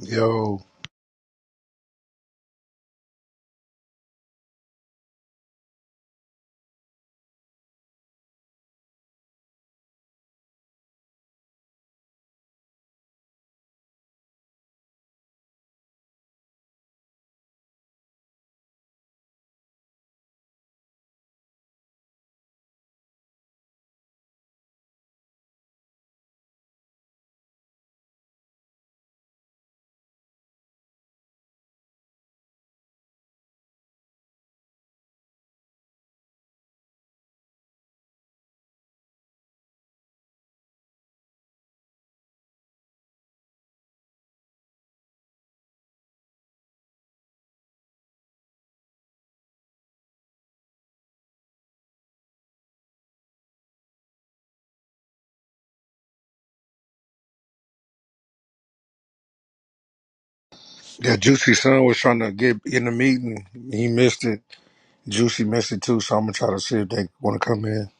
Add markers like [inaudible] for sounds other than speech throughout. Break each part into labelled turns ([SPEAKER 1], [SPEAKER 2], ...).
[SPEAKER 1] Yo, yeah, Juicy Son was trying to get in the meeting. He missed it. Juicy missed it too, so I'm gonna try to see if they want to come in.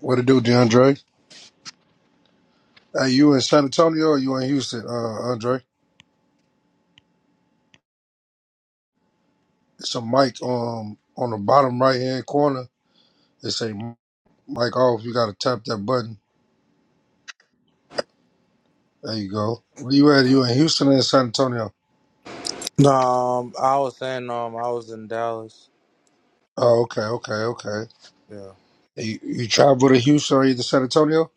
[SPEAKER 1] What to do, DeAndre? Hey, you in San Antonio or you in Houston, uh, Andre? It's a mic um on the bottom right hand corner. It say mic off. You gotta tap that button. There you go. Where you at? You in Houston or in San Antonio?
[SPEAKER 2] No, um, I was saying, um, I was in Dallas.
[SPEAKER 1] Oh, okay, okay, okay.
[SPEAKER 2] Yeah,
[SPEAKER 1] You, you travel to Houston or either San Antonio?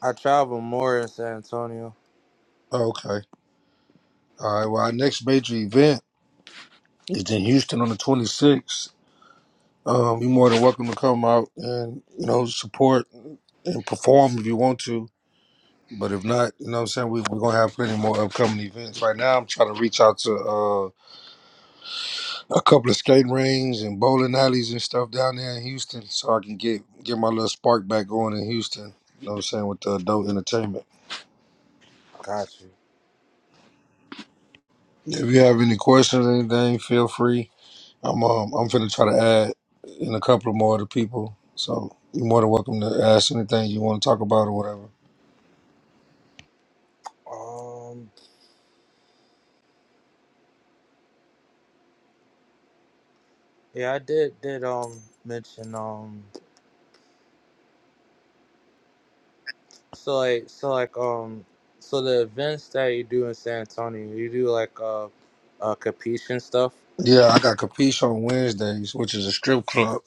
[SPEAKER 2] I travel more in San Antonio.
[SPEAKER 1] Oh, okay. All right. Well, our next major event is in Houston on the 26th. Um, you're more than welcome to come out and you know support and perform if you want to. But if not, you know what I'm saying we, we're gonna have plenty more upcoming events. Right now, I'm trying to reach out to uh, a couple of skate rings and bowling alleys and stuff down there in Houston, so I can get get my little spark back going in Houston. You know what I'm saying with the adult entertainment.
[SPEAKER 2] Got you.
[SPEAKER 1] If you have any questions, or anything, feel free. I'm um, I'm finna try to add in a couple of more of the people. So you're more than welcome to ask anything you want to talk about or whatever.
[SPEAKER 2] Um, yeah, I did did um mention um, so like so like um, so the events that you do in San Antonio, you do like uh, uh, competition stuff.
[SPEAKER 1] Yeah, I got Capiche on Wednesdays, which is a strip club.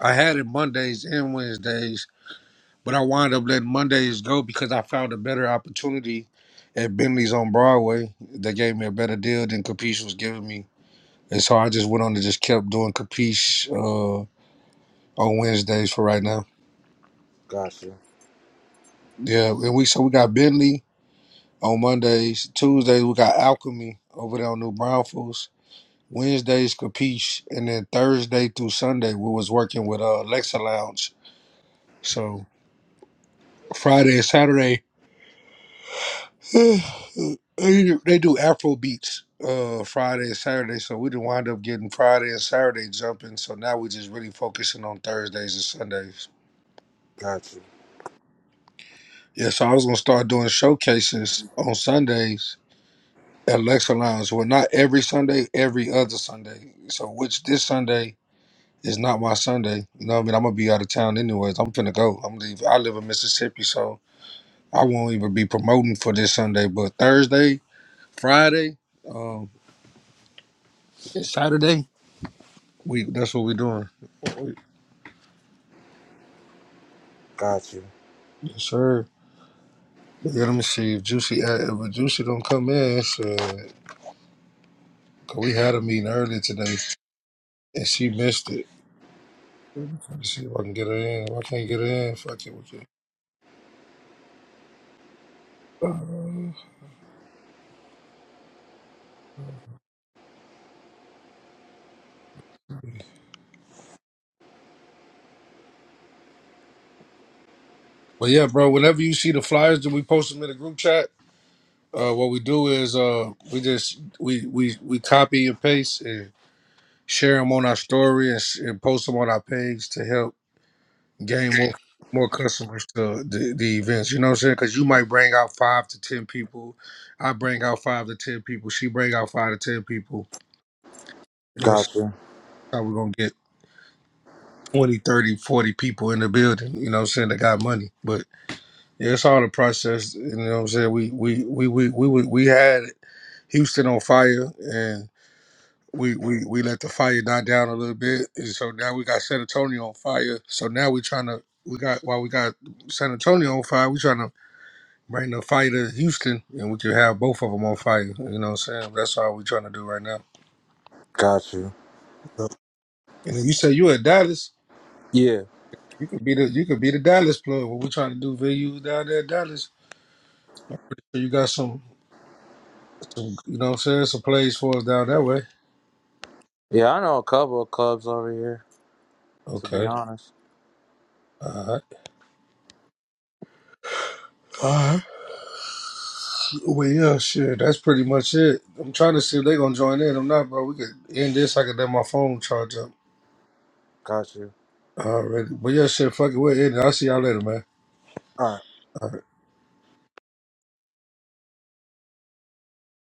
[SPEAKER 1] I had it Mondays and Wednesdays, but I wound up letting Mondays go because I found a better opportunity at Bentley's on Broadway. They gave me a better deal than Capiche was giving me. And so I just went on and just kept doing Capiche uh, on Wednesdays for right now.
[SPEAKER 2] Got you.
[SPEAKER 1] Yeah, and we so we got Bentley on Mondays. Tuesdays we got Alchemy over there on New Brownfields. Wednesdays Capiche, and then Thursday through Sunday we was working with uh, Lexa Lounge So Friday and Saturday, [sighs] they they do Afro beats uh, Friday and Saturday. So we didn't wind up getting Friday and Saturday jumping. So now we're just really focusing on Thursdays and Sundays.
[SPEAKER 2] Got you.
[SPEAKER 1] Yeah, so I was gonna start doing showcases on Sundays at Lexa Lounge. Well, not every Sunday, every other Sunday. So which this Sunday is not my Sunday. You know what I mean? I'm gonna be out of town anyways. I'm finna go. I'm leave. I live in Mississippi, so I won't even be promoting for this Sunday. But Thursday. Friday, um, Saturday. We that's what we're doing. We-
[SPEAKER 2] Got you.
[SPEAKER 1] Yes, sir. Yeah, let me see if Juicy uh, if a Juicy don't come in. It's, uh, 'cause we had a meeting earlier today and she missed it. Let's see if I can get her in. If I can't get her in, fuck it. with you. Uh, but yeah, bro. Whenever you see the flyers that we post them in the group chat, uh, what we do is uh, we just we we we copy and paste and share them on our story and, s- and post them on our page to help gain more more customers to the, the events. You know what I'm saying? Because you might bring out five to ten people. I bring out five to ten people. She bring out five to ten people. You know, what I'm saying?
[SPEAKER 2] Got you.
[SPEAKER 1] how we're gonna get 20, 30, forty people in the building. You know, what I'm saying that got money. But yeah, it's all a process. You know, what I'm saying we we we we we we, we had Houston on fire and. We, we, we let the fire die down a little bit, and so now we got San Antonio on fire. So now we're trying to we got while we got San Antonio on fire, we trying to Bring the fire to Houston, and we can have both of them on fire. You know what I'm saying? That's all we're trying to do right now.
[SPEAKER 2] Got you.
[SPEAKER 1] And then you say you at Dallas,
[SPEAKER 2] Yeah.
[SPEAKER 1] you could be the you could be the Dallas plug. What we're trying to do, venues down there, at Dallas. So you got some, some, you know what I'm saying, some plays for us down that way.
[SPEAKER 2] Yeah, I know a couple of clubs over here. To be
[SPEAKER 1] Okay,
[SPEAKER 2] honest,
[SPEAKER 1] all right, all right. Well, yeah, shit, that's pretty much it. I'm trying to see if they gonna join in. I'm not, bro. We could end this. I could let my phone charge up
[SPEAKER 2] got you.
[SPEAKER 1] already. But yeah, shit, fuck it. We're in. I'll see y'all later, man.